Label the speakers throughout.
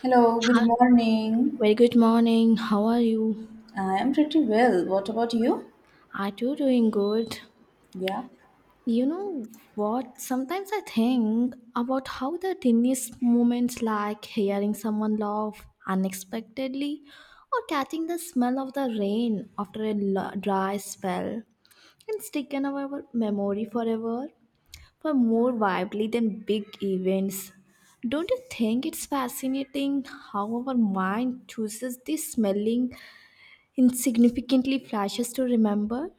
Speaker 1: Hello, good
Speaker 2: Hi.
Speaker 1: morning.
Speaker 2: Very good morning. How are you?
Speaker 1: I am pretty well. What about you?
Speaker 2: Are you doing good?
Speaker 1: Yeah.
Speaker 2: You know what? Sometimes I think about how the tiniest moments like hearing someone laugh unexpectedly or catching the smell of the rain after a dry spell can stick in our memory forever for more vividly than big events. Don't you think it's fascinating how our mind chooses these smelling Insignificantly flashes to remember?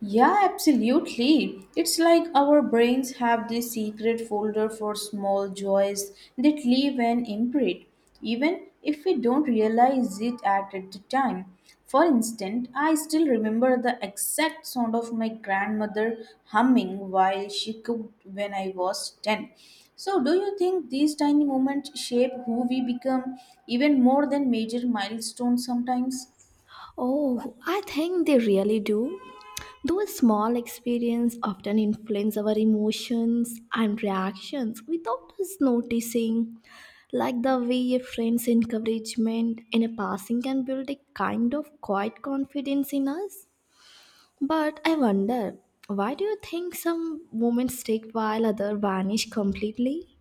Speaker 1: Yeah, absolutely. It's like our brains have this secret folder for small joys that leave an imprint, even if we don't realize it at the time. For instance, I still remember the exact sound of my grandmother humming while she cooked when I was 10. So, do you think these tiny moments shape who we become even more than major milestones sometimes?
Speaker 2: Oh, I think they really do. Those small experiences often influence our emotions and reactions without us noticing, like the way a friend's encouragement in a passing can build a kind of quiet confidence in us. But I wonder, why do you think some moments stick while others vanish completely?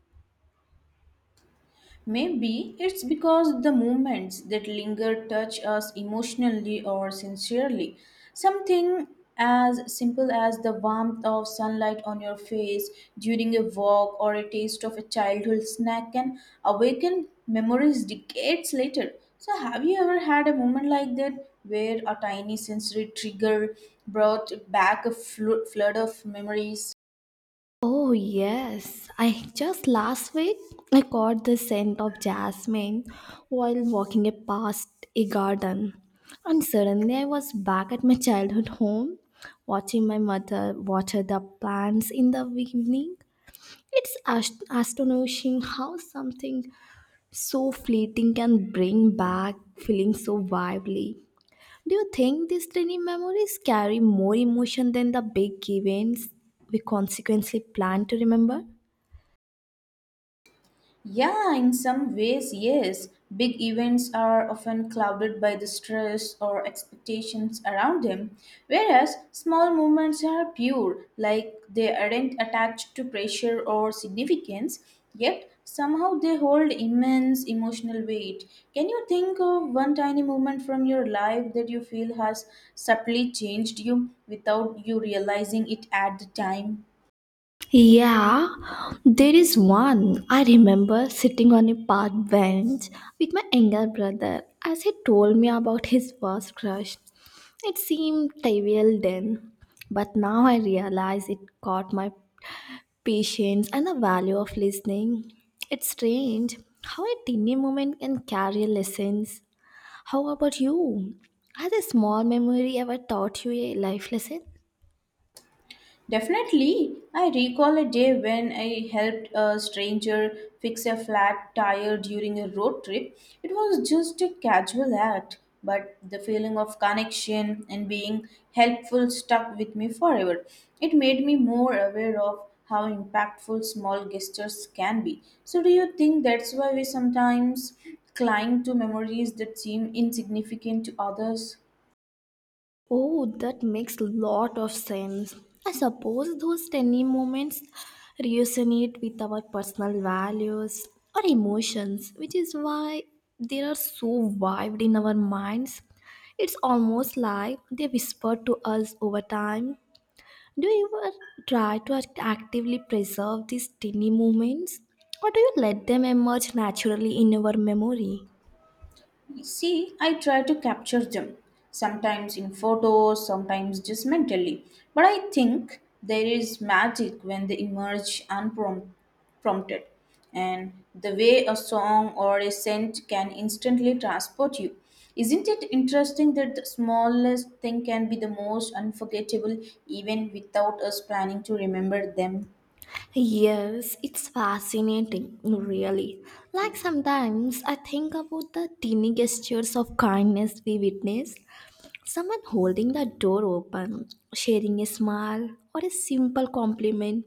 Speaker 1: Maybe it's because the moments that linger touch us emotionally or sincerely. Something as simple as the warmth of sunlight on your face during a walk or a taste of a childhood snack can awaken memories decades later. So, have you ever had a moment like that where a tiny sensory trigger brought back a flood of memories?
Speaker 2: Oh, yes. I just last week I caught the scent of jasmine while walking past a garden. And suddenly I was back at my childhood home watching my mother water the plants in the evening. It's astonishing how something so fleeting can bring back feelings so vividly. Do you think these tiny memories carry more emotion than the big events we consequently plan to remember?
Speaker 1: Yeah, in some ways, yes. Big events are often clouded by the stress or expectations around them, whereas small movements are pure, like they aren't attached to pressure or significance, yet somehow they hold immense emotional weight. Can you think of one tiny moment from your life that you feel has subtly changed you without you realizing it at the time?
Speaker 2: Yeah, there is one. I remember sitting on a park bench with my younger brother as he told me about his first crush. It seemed trivial then, but now I realize it caught my patience and the value of listening. It's strange how a teeny moment can carry lessons. How about you? Has a small memory ever taught you a life lesson?
Speaker 1: Definitely, I recall a day when I helped a stranger fix a flat tire during a road trip. It was just a casual act, but the feeling of connection and being helpful stuck with me forever. It made me more aware of how impactful small gestures can be. So, do you think that's why we sometimes cling to memories that seem insignificant to others?
Speaker 2: Oh, that makes lot of sense. I suppose those tiny moments resonate with our personal values or emotions, which is why they are so vivid in our minds. It's almost like they whisper to us over time. Do you ever try to actively preserve these tiny moments, or do you let them emerge naturally in your memory?
Speaker 1: See, I try to capture them, sometimes in photos, sometimes just mentally. But I think there is magic when they emerge unprompted. And the way a song or a scent can instantly transport you. Isn't it interesting that the smallest thing can be the most unforgettable even without us planning to remember them?
Speaker 2: Yes, it's fascinating, really. Like sometimes I think about the tiny gestures of kindness we witness someone holding the door open, sharing a smile, or a simple compliment,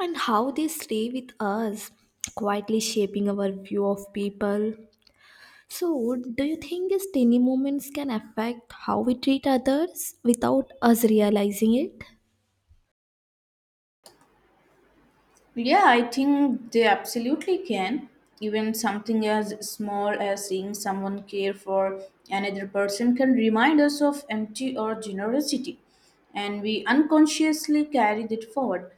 Speaker 2: and how they stay with us, quietly shaping our view of people. So, do you think these tiny moments can affect how we treat others without us realizing it?
Speaker 1: Yeah, I think they absolutely can. Even something as small as seeing someone care for another person can remind us of empty or generosity, and we unconsciously carry it forward.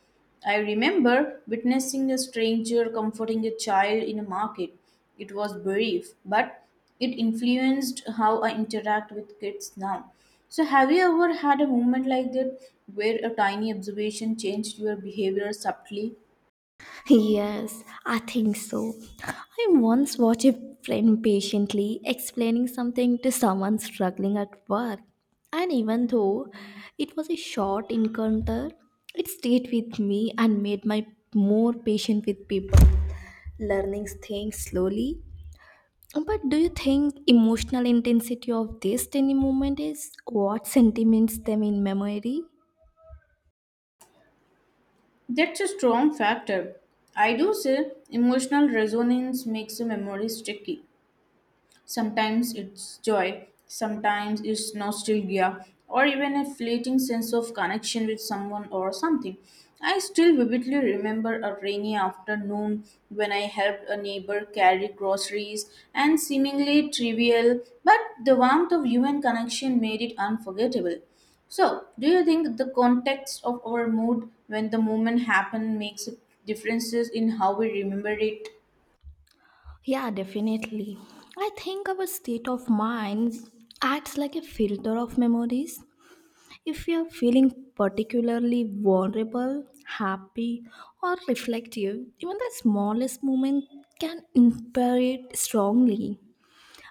Speaker 1: I remember witnessing a stranger comforting a child in a market. It was brief, but it influenced how I interact with kids now. So, have you ever had a moment like that where a tiny observation changed your behavior subtly?
Speaker 2: Yes, I think so. I once watched a friend patiently explaining something to someone struggling at work. And even though it was a short encounter, it stayed with me and made me more patient with people, learning things slowly. But do you think emotional intensity of this tiny moment is what sentiments them in memory?
Speaker 1: That's a strong factor. I do say emotional resonance makes a memory sticky. Sometimes it's joy, sometimes it's nostalgia, or even a fleeting sense of connection with someone or something. I still vividly remember a rainy afternoon when I helped a neighbor carry groceries, and seemingly trivial, but the warmth of human connection made it unforgettable. So, do you think the context of our mood when the moment happened makes differences in how we remember it?
Speaker 2: Yeah, definitely. I think our state of mind acts like a filter of memories. If we are feeling particularly vulnerable, happy, or reflective, even the smallest moment can impair it strongly.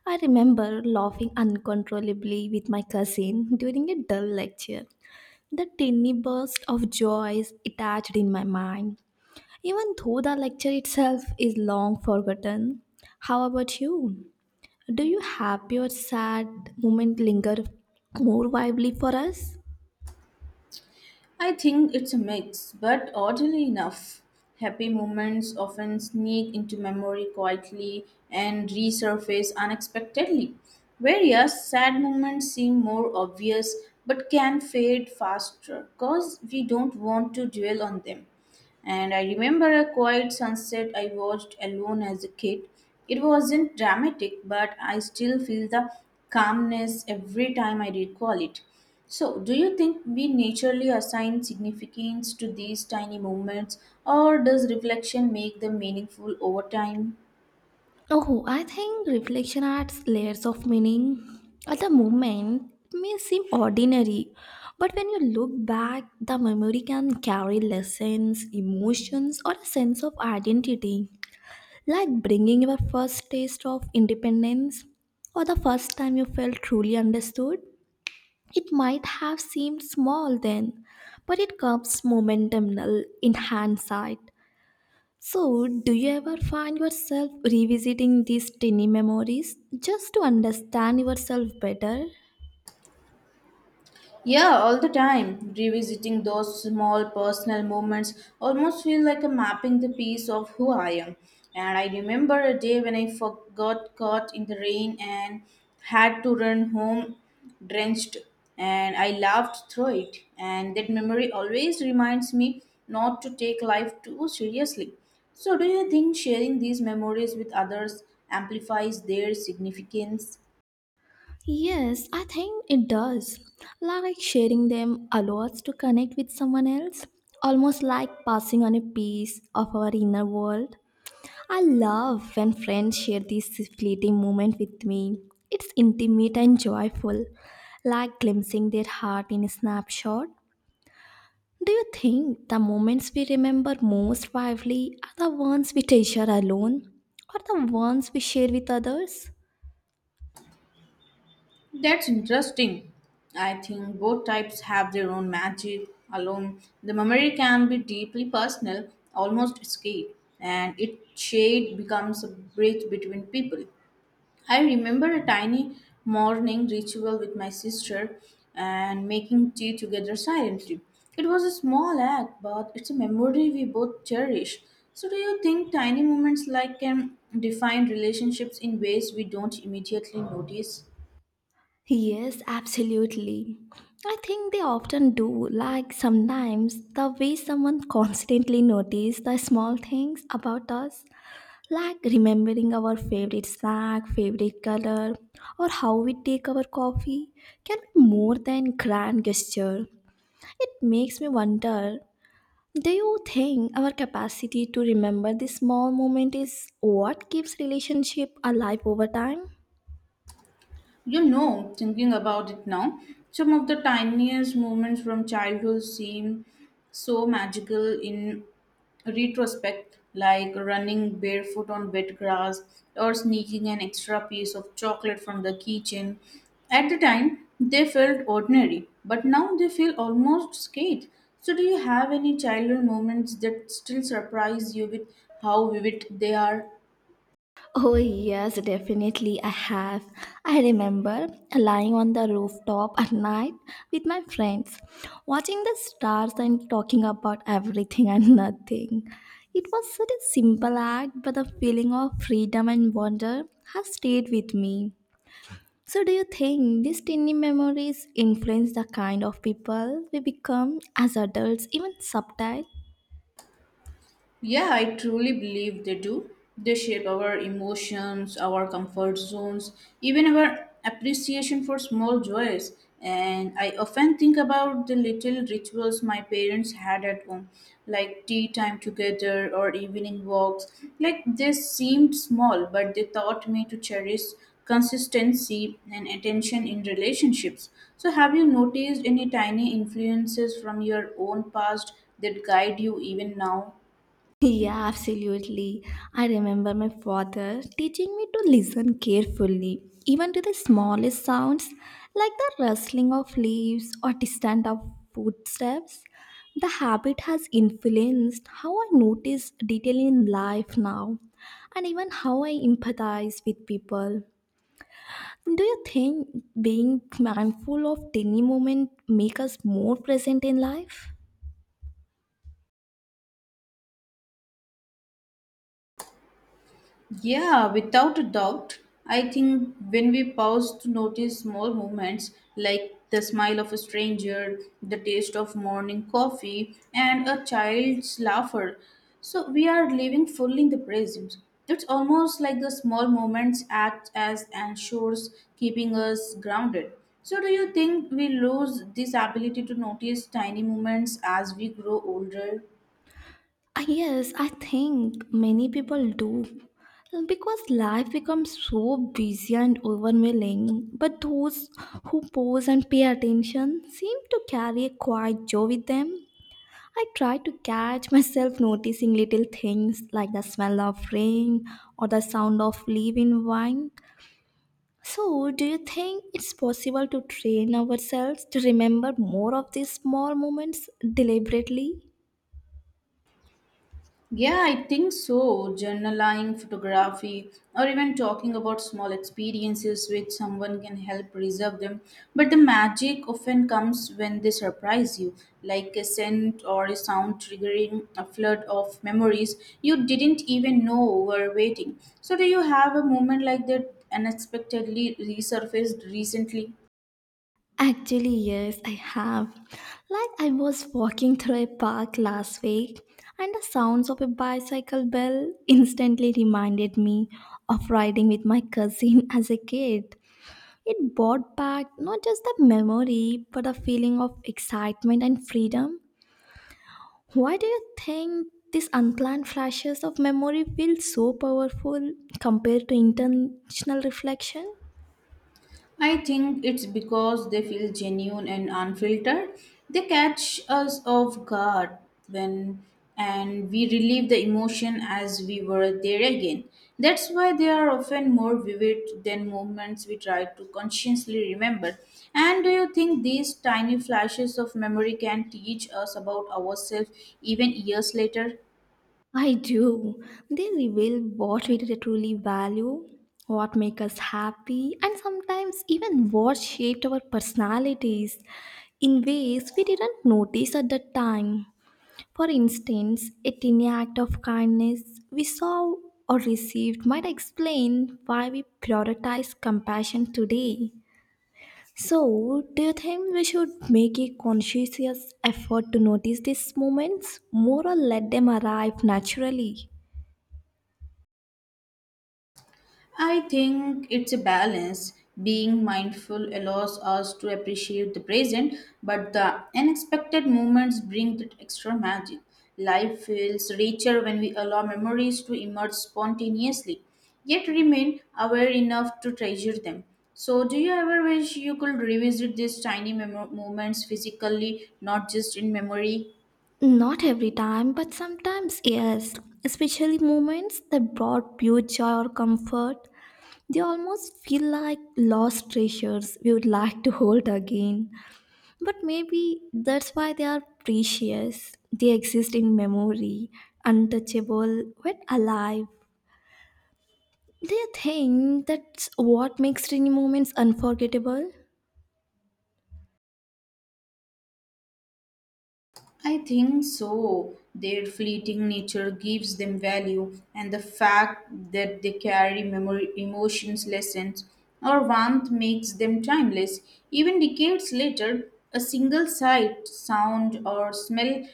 Speaker 2: I remember laughing uncontrollably with my cousin during a dull lecture. The tiny burst of joy is attached in my mind, even though the lecture itself is long forgotten. How about you? Do you have your sad moment linger more vividly for us?
Speaker 1: I think it's a mix, but oddly enough, happy moments often sneak into memory quietly and resurface unexpectedly, whereas sad moments seem more obvious but can fade faster because we don't want to dwell on them. And I remember a quiet sunset I watched alone as a kid. It wasn't dramatic, but I still feel the calmness every time I recall it. So, do you think we naturally assign significance to these tiny moments, or does reflection make them meaningful over time?
Speaker 2: Oh, I think reflection adds layers of meaning. At the moment, it may seem ordinary, but when you look back, the memory can carry lessons, emotions, or a sense of identity, like bringing your first taste of independence or the first time you felt truly understood. It might have seemed small then, but it comes momentumnal in hindsight. So, do you ever find yourself revisiting these tiny memories just to understand yourself better?
Speaker 1: Yeah, all the time. Revisiting those small personal moments almost feel like a mapping the piece of who I am. And I remember a day when I forgot caught in the rain and had to run home drenched and I laughed through it. And that memory always reminds me not to take life too seriously. So do you think sharing these memories with others amplifies their significance?
Speaker 2: Yes, I think it does. Like sharing them allows to connect with someone else, almost like passing on a piece of our inner world. I love when friends share these fleeting moments with me. It's intimate and joyful, like glimpsing their heart in a snapshot. Do you think the moments we remember most vividly are the ones we treasure alone or the ones we share with others?
Speaker 1: That's interesting. I think both types have their own magic. Alone, the memory can be deeply personal, almost escape, and it shade becomes a bridge between people. I remember a tiny morning ritual with my sister and making tea together silently. It was a small act, but it's a memory we both cherish. So, do you think tiny moments like can define relationships in ways we don't immediately notice?
Speaker 2: Yes, absolutely. I think they often do. Like sometimes the way someone constantly notices the small things about us like remembering our favorite snack, favorite color, or how we take our coffee can be more than grand gesture. It makes me wonder, do you think our capacity to remember this small moment is what keeps relationship alive over time?
Speaker 1: You know, thinking about it now, some of the tiniest moments from childhood seem so magical in retrospect, like running barefoot on wet grass or sneaking an extra piece of chocolate from the kitchen. At the time, they felt ordinary, but now they feel almost scared. So, do you have any childhood moments that still surprise you with how vivid they are?
Speaker 2: Oh, yes, definitely. I have. I remember lying on the rooftop at night with my friends, watching the stars and talking about everything and nothing. It was such a simple act, but the feeling of freedom and wonder has stayed with me. So, do you think these tiny memories influence the kind of people we become as adults, even subtle?
Speaker 1: Yeah, I truly believe they do. They shape our emotions, our comfort zones, even our appreciation for small joys. And I often think about the little rituals my parents had at home, like tea time together or evening walks. Like they seemed small, but they taught me to cherish consistency and attention in relationships. So, have you noticed any tiny influences from your own past that guide you even now?
Speaker 2: Yeah, absolutely. I remember my father teaching me to listen carefully, even to the smallest sounds, like the rustling of leaves or distant of footsteps. The habit has influenced how I notice detail in life now, and even how I empathize with people. Do you think being mindful of tiny moment make us more present in life?
Speaker 1: Yeah, without a doubt. I think when we pause to notice small moments like the smile of a stranger, the taste of morning coffee, and a child's laughter, so we are living fully in the present. It's almost like the small moments act as anchors, keeping us grounded. So, do you think we lose this ability to notice tiny moments as we grow older?
Speaker 2: Yes, I think many people do. Because life becomes so busy and overwhelming, but those who pause and pay attention seem to carry a quiet joy with them. I try to catch myself noticing little things like the smell of rain or the sound of leaf in wine. So, do you think it's possible to train ourselves to remember more of these small moments deliberately?
Speaker 1: Yeah, I think so. Journaling, photography, or even talking about small experiences with someone can help preserve them. But the magic often comes when they surprise you, like a scent or a sound triggering a flood of memories you didn't even know were waiting. So, do you have a moment like that unexpectedly resurfaced recently?
Speaker 2: Actually, yes, I have. Like, I was walking through a park last week, and the sounds of a bicycle bell instantly reminded me of riding with my cousin as a kid. It brought back not just the memory, but a feeling of excitement and freedom. Why do you think these unplanned flashes of memory feel so powerful compared to intentional reflection?
Speaker 1: I think it's because they feel genuine and unfiltered. They catch us off guard when and we relieve the emotion as we were there again. That's why they are often more vivid than movements we try to consciously remember. And do you think these tiny flashes of memory can teach us about ourselves even years later?
Speaker 2: I do. They reveal what we really, truly value, what make us happy, and sometimes even what shaped our personalities in ways we didn't notice at the time. For instance, a tiny act of kindness we saw or received might explain why we prioritize compassion today. So, do you think we should make a conscious effort to notice these moments more or let them arrive naturally?
Speaker 1: I think it's a balance. Being mindful allows us to appreciate the present, but the unexpected moments bring that extra magic. Life feels richer when we allow memories to emerge spontaneously, yet remain aware enough to treasure them. So, do you ever wish you could revisit these tiny moments physically, not just in memory?
Speaker 2: Not every time, but sometimes yes. Especially moments that brought pure joy or comfort. They almost feel like lost treasures we would like to hold again. But maybe that's why they are precious. They exist in memory, untouchable, yet alive. Do you think that's what makes rainy moments unforgettable?
Speaker 1: I think so. Their fleeting nature gives them value, and the fact that they carry memory, emotions, lessons, or warmth makes them timeless. Even decades later, a single sight, sound, or smell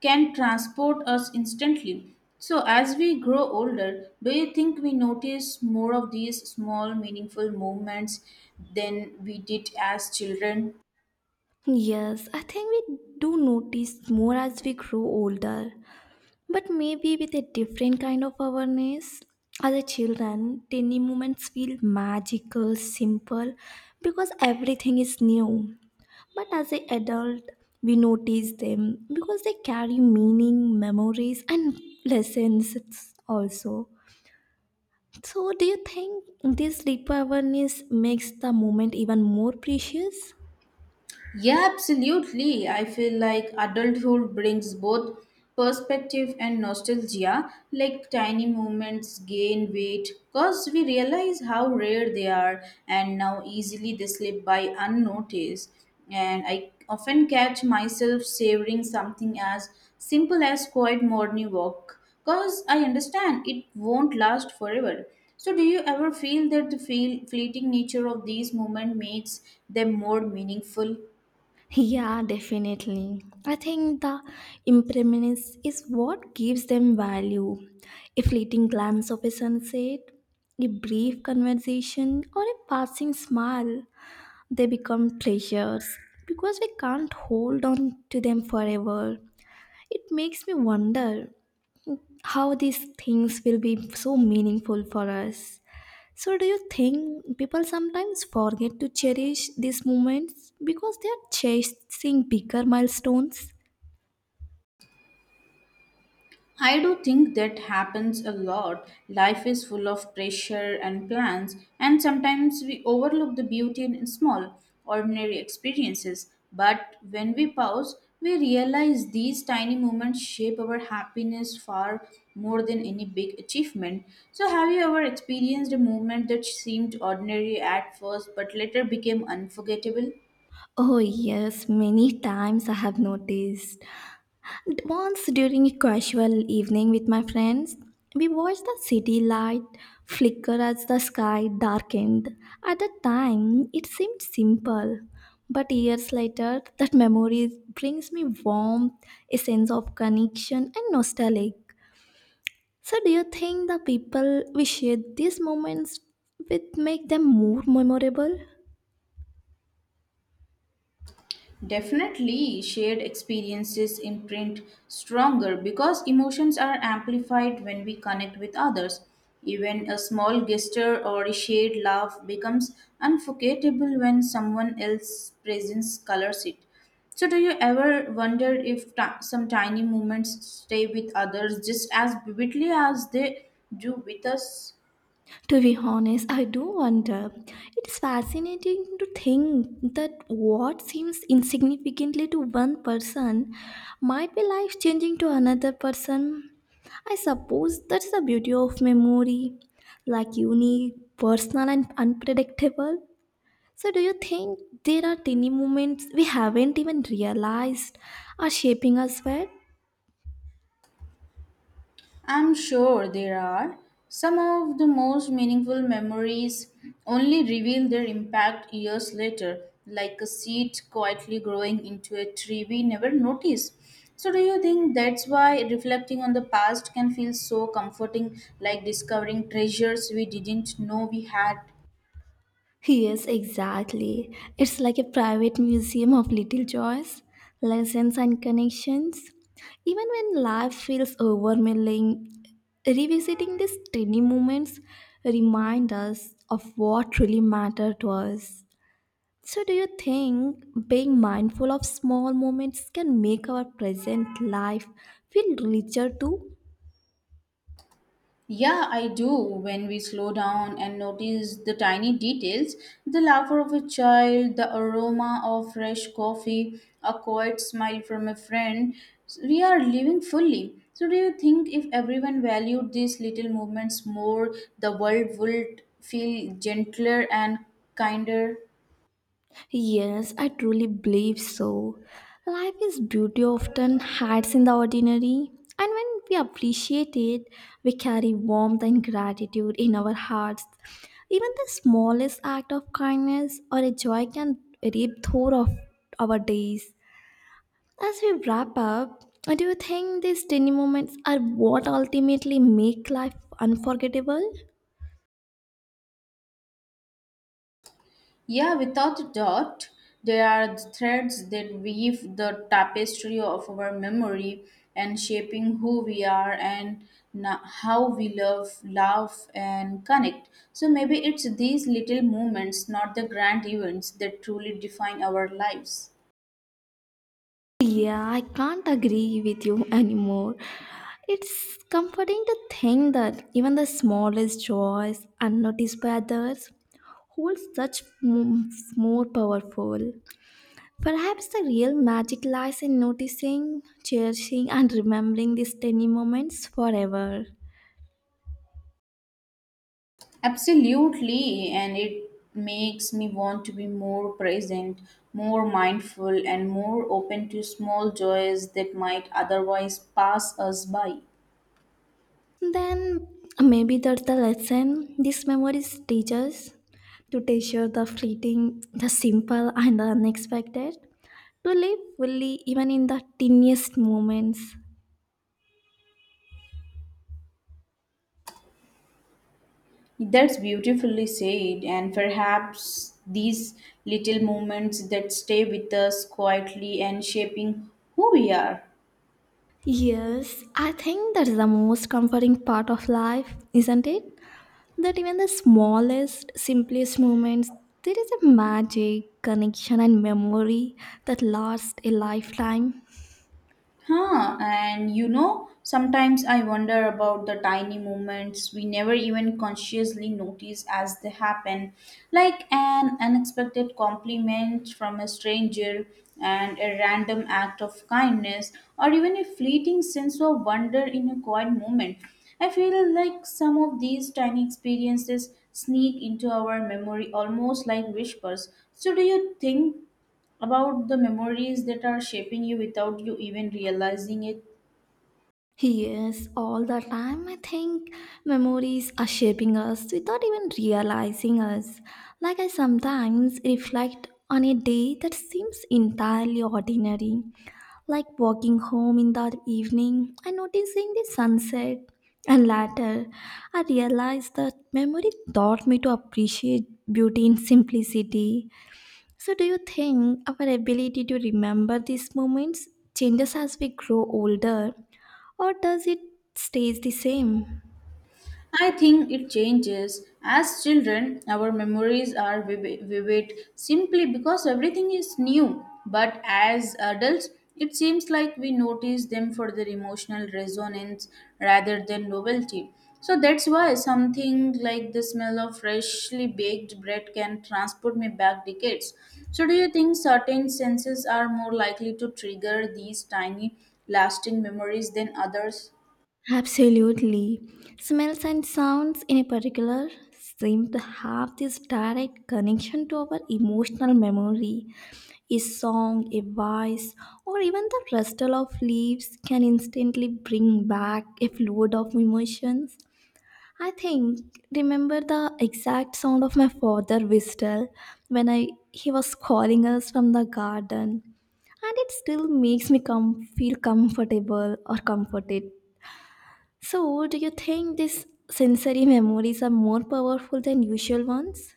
Speaker 1: can transport us instantly. So, as we grow older, do you think we notice more of these small, meaningful moments than we did as children?
Speaker 2: Yes, I think we do notice more as we grow older. But maybe with a different kind of awareness. As a children, tiny moments feel magical, simple, because everything is new. But as an adult, we notice them because they carry meaning, memories, and lessons also. So, do you think this deeper awareness makes the moment even more precious?
Speaker 1: Yeah, absolutely. I feel like adulthood brings both perspective and nostalgia, like tiny moments gain weight because we realize how rare they are and now easily they slip by unnoticed. And I often catch myself savoring something as simple as quiet morning walk because I understand it won't last forever. So, do you ever feel that the fleeting nature of these moments makes them more meaningful?
Speaker 2: Yeah, definitely. I think the impermanence is what gives them value. A fleeting glance of a sunset, a brief conversation, or a passing smile, they become treasures because we can't hold on to them forever. It makes me wonder how these things will be so meaningful for us. So, do you think people sometimes forget to cherish these moments because they are chasing bigger milestones?
Speaker 1: I do think that happens a lot. Life is full of pressure and plans, and sometimes we overlook the beauty in small, ordinary experiences. But when we pause, we realize these tiny moments shape our happiness far more than any big achievement. So, have you ever experienced a moment that seemed ordinary at first but later became unforgettable?
Speaker 2: Oh, yes, many times I have noticed. Once during a casual evening with my friends, we watched the city light flicker as the sky darkened. At the time, it seemed simple. But years later, that memory brings me warmth, a sense of connection, and nostalgia. So, do you think the people we share these moments with make them more memorable?
Speaker 1: Definitely, shared experiences imprint stronger because emotions are amplified when we connect with others. Even a small gesture or a shared laugh becomes unforgettable when someone else's presence colors it. So, do you ever wonder if some tiny moments stay with others just as vividly as they do with us?
Speaker 2: To be honest, I do wonder. It's fascinating to think that what seems insignificantly to one person might be life changing to another person. I suppose that's the beauty of memory, like unique, personal, and unpredictable. So, do you think there are tiny moments we haven't even realized are shaping us well?
Speaker 1: I'm sure there are. Some of the most meaningful memories only reveal their impact years later, like a seed quietly growing into a tree we never notice. So, do you think that's why reflecting on the past can feel so comforting, like discovering treasures we didn't know we had?
Speaker 2: Yes, exactly. It's like a private museum of little joys, lessons, and connections. Even when life feels overwhelming, revisiting these tiny moments remind us of what truly mattered to us. So, do you think being mindful of small moments can make our present life feel richer too?
Speaker 1: Yeah, I do. When we slow down and notice the tiny details, the laughter of a child, the aroma of fresh coffee, a quiet smile from a friend, we are living fully. So, do you think if everyone valued these little movements more, the world would feel gentler and kinder?
Speaker 2: Yes, I truly believe so. Life is beauty often hides in the ordinary, and when we appreciate it, we carry warmth and gratitude in our hearts. Even the smallest act of kindness or a joy can reap through of our days. As we wrap up, do you think these tiny moments are what ultimately make life unforgettable?
Speaker 1: Yeah, without a doubt, they are the threads that weave the tapestry of our memory and shaping who we are and how we love, love, and connect. So maybe it's these little moments, not the grand events, that truly define our lives.
Speaker 2: Yeah, I can't agree with you anymore. It's comforting to think that even the smallest joys, unnoticed by others, hold such more powerful. Perhaps the real magic lies in noticing, cherishing, and remembering these tiny moments forever.
Speaker 1: Absolutely, and it makes me want to be more present, more mindful, and more open to small joys that might otherwise pass us by.
Speaker 2: Then maybe that's the lesson these memories teach us to treasure the fleeting, the simple, and the unexpected, to live fully even in the tiniest moments.
Speaker 1: That's beautifully said, and perhaps these little moments that stay with us quietly and shaping who we are.
Speaker 2: Yes, I think that is the most comforting part of life, isn't it? That even the smallest, simplest moments, there is a magic, connection, and memory that lasts a lifetime.
Speaker 1: Huh, and you know, sometimes I wonder about the tiny moments we never even consciously notice as they happen, like an unexpected compliment from a stranger and a random act of kindness, or even a fleeting sense of wonder in a quiet moment. I feel like some of these tiny experiences sneak into our memory almost like whispers. So, do you think about the memories that are shaping you without you even realizing it?
Speaker 2: Yes, all the time I think memories are shaping us without even realizing us. Like I sometimes reflect on a day that seems entirely ordinary, like walking home in the evening and noticing the sunset. And later, I realized that memory taught me to appreciate beauty in simplicity. So, do you think our ability to remember these moments changes as we grow older, or does it stays the same?
Speaker 1: I think it changes. As children, our memories are vivid simply because everything is new. But as adults, it seems like we notice them for their emotional resonance rather than novelty. So that's why something like the smell of freshly baked bread can transport me back decades. So, do you think certain senses are more likely to trigger these tiny, lasting memories than others?
Speaker 2: Absolutely. Smells and sounds, in a particular, seem to have this direct connection to our emotional memory. A song, a voice, or even the rustle of leaves can instantly bring back a flood of emotions. I think remember the exact sound of my father whistle when I he was calling us from the garden, and it still makes me feel comfortable or comforted. So do you think these sensory memories are more powerful than usual ones?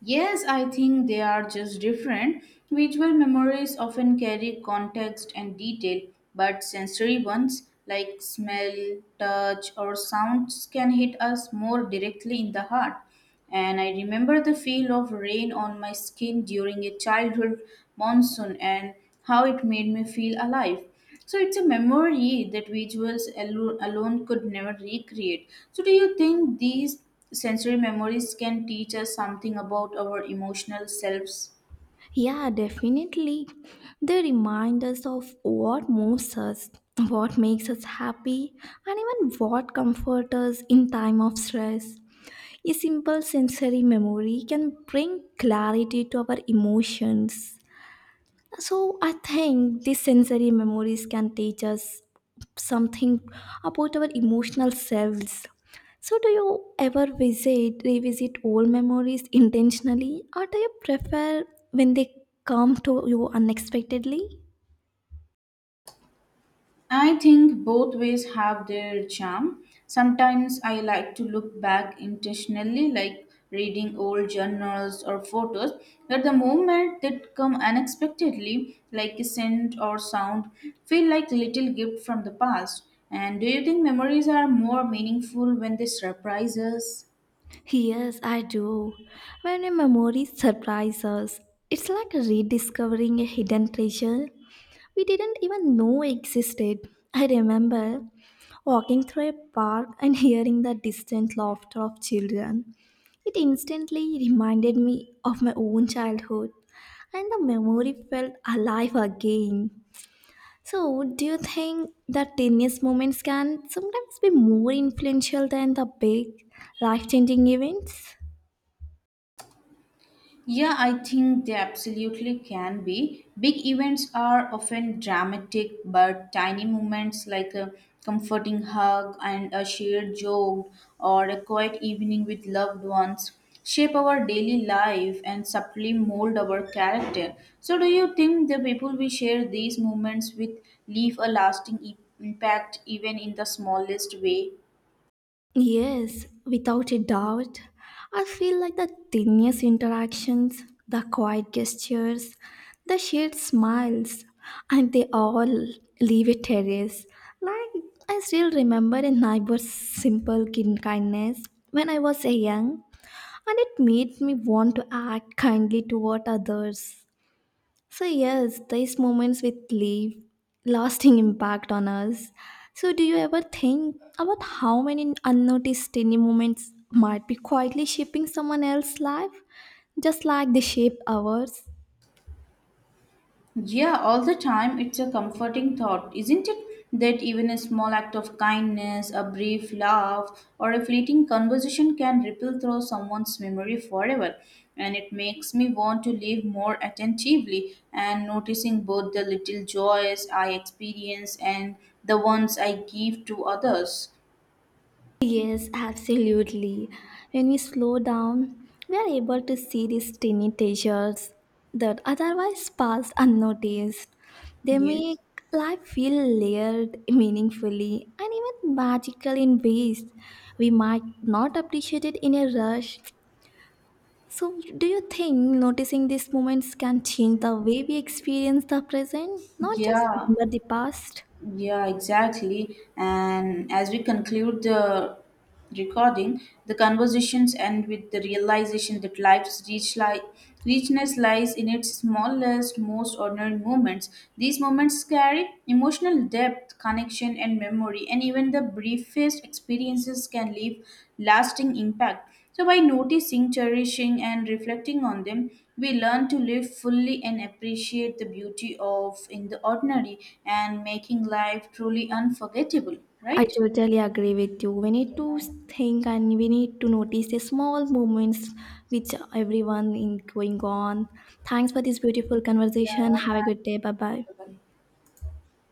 Speaker 1: Yes, I think they are just different. Visual memories often carry context and detail, but sensory ones like smell, touch, or sounds can hit us more directly in the heart. And I remember the feel of rain on my skin during a childhood monsoon and how it made me feel alive. So it's a memory that visuals alone could never recreate. So do you think these sensory memories can teach us something about our emotional selves?
Speaker 2: Yeah, definitely. They remind us of what moves us, what makes us happy, and even what comforts us in time of stress. A simple sensory memory can bring clarity to our emotions. So, I think these sensory memories can teach us something about our emotional selves. So, do you ever visit, revisit old memories intentionally, or do you prefer when they come to you unexpectedly?
Speaker 1: I think both ways have their charm. Sometimes I like to look back intentionally, like reading old journals or photos, but the moment that come unexpectedly, like a scent or sound, feel like a little gift from the past. And do you think memories are more meaningful when they surprise us?
Speaker 2: Yes, I do. When a memory surprises, us, it's like rediscovering a hidden treasure. We didn't even know existed. I remember walking through a park and hearing the distant laughter of children. It instantly reminded me of my own childhood, and the memory felt alive again. So, do you think the tiniest moments can sometimes be more influential than the big, life changing events?
Speaker 1: Yeah, I think they absolutely can be. Big events are often dramatic, but tiny moments like a comforting hug and a shared joke or a quiet evening with loved ones shape our daily life and subtly mold our character. So, do you think the people we share these moments with leave a lasting impact even in the smallest way?
Speaker 2: Yes, without a doubt. I feel like the tiniest interactions, the quiet gestures, the shared smiles, and they all leave a trace. Like, I still remember a neighbor's simple kindness when I was young, and it made me want to act kindly toward others. So yes, these moments with leave lasting impact on us. So do you ever think about how many unnoticed tiny moments might be quietly shaping someone else's life, just like they shape ours?
Speaker 1: Yeah, all the time. It's a comforting thought, isn't it? That even a small act of kindness, a brief laugh, or a fleeting conversation can ripple through someone's memory forever. And it makes me want to live more attentively and noticing both the little joys I experience and the ones I give to others.
Speaker 2: Yes, absolutely. When we slow down, we are able to see these tiny treasures that otherwise pass unnoticed. They
Speaker 1: Yes.
Speaker 2: make life feel layered, meaningfully, and even magical in ways we might not appreciate it in a rush. So, do you think noticing these moments can change the way we experience the present, not just
Speaker 1: Yeah.
Speaker 2: remember the past?
Speaker 1: Yeah, exactly. And as we conclude the recording, the conversations end with the realization that life's richness lies in its smallest, most ordinary moments. These moments carry emotional depth, connection, and memory, and even the briefest experiences can leave lasting impact. So, by noticing, cherishing, and reflecting on them, we learn to live fully and appreciate the beauty of in the ordinary and making life truly unforgettable,
Speaker 2: I
Speaker 1: right?
Speaker 2: totally agree with you. We need to think and we need to notice the small moments which everyone in going on. Thanks for this beautiful
Speaker 1: Yeah,
Speaker 2: conversation.
Speaker 1: thank
Speaker 2: Have a good day. Bye bye.
Speaker 1: you. Bye-bye.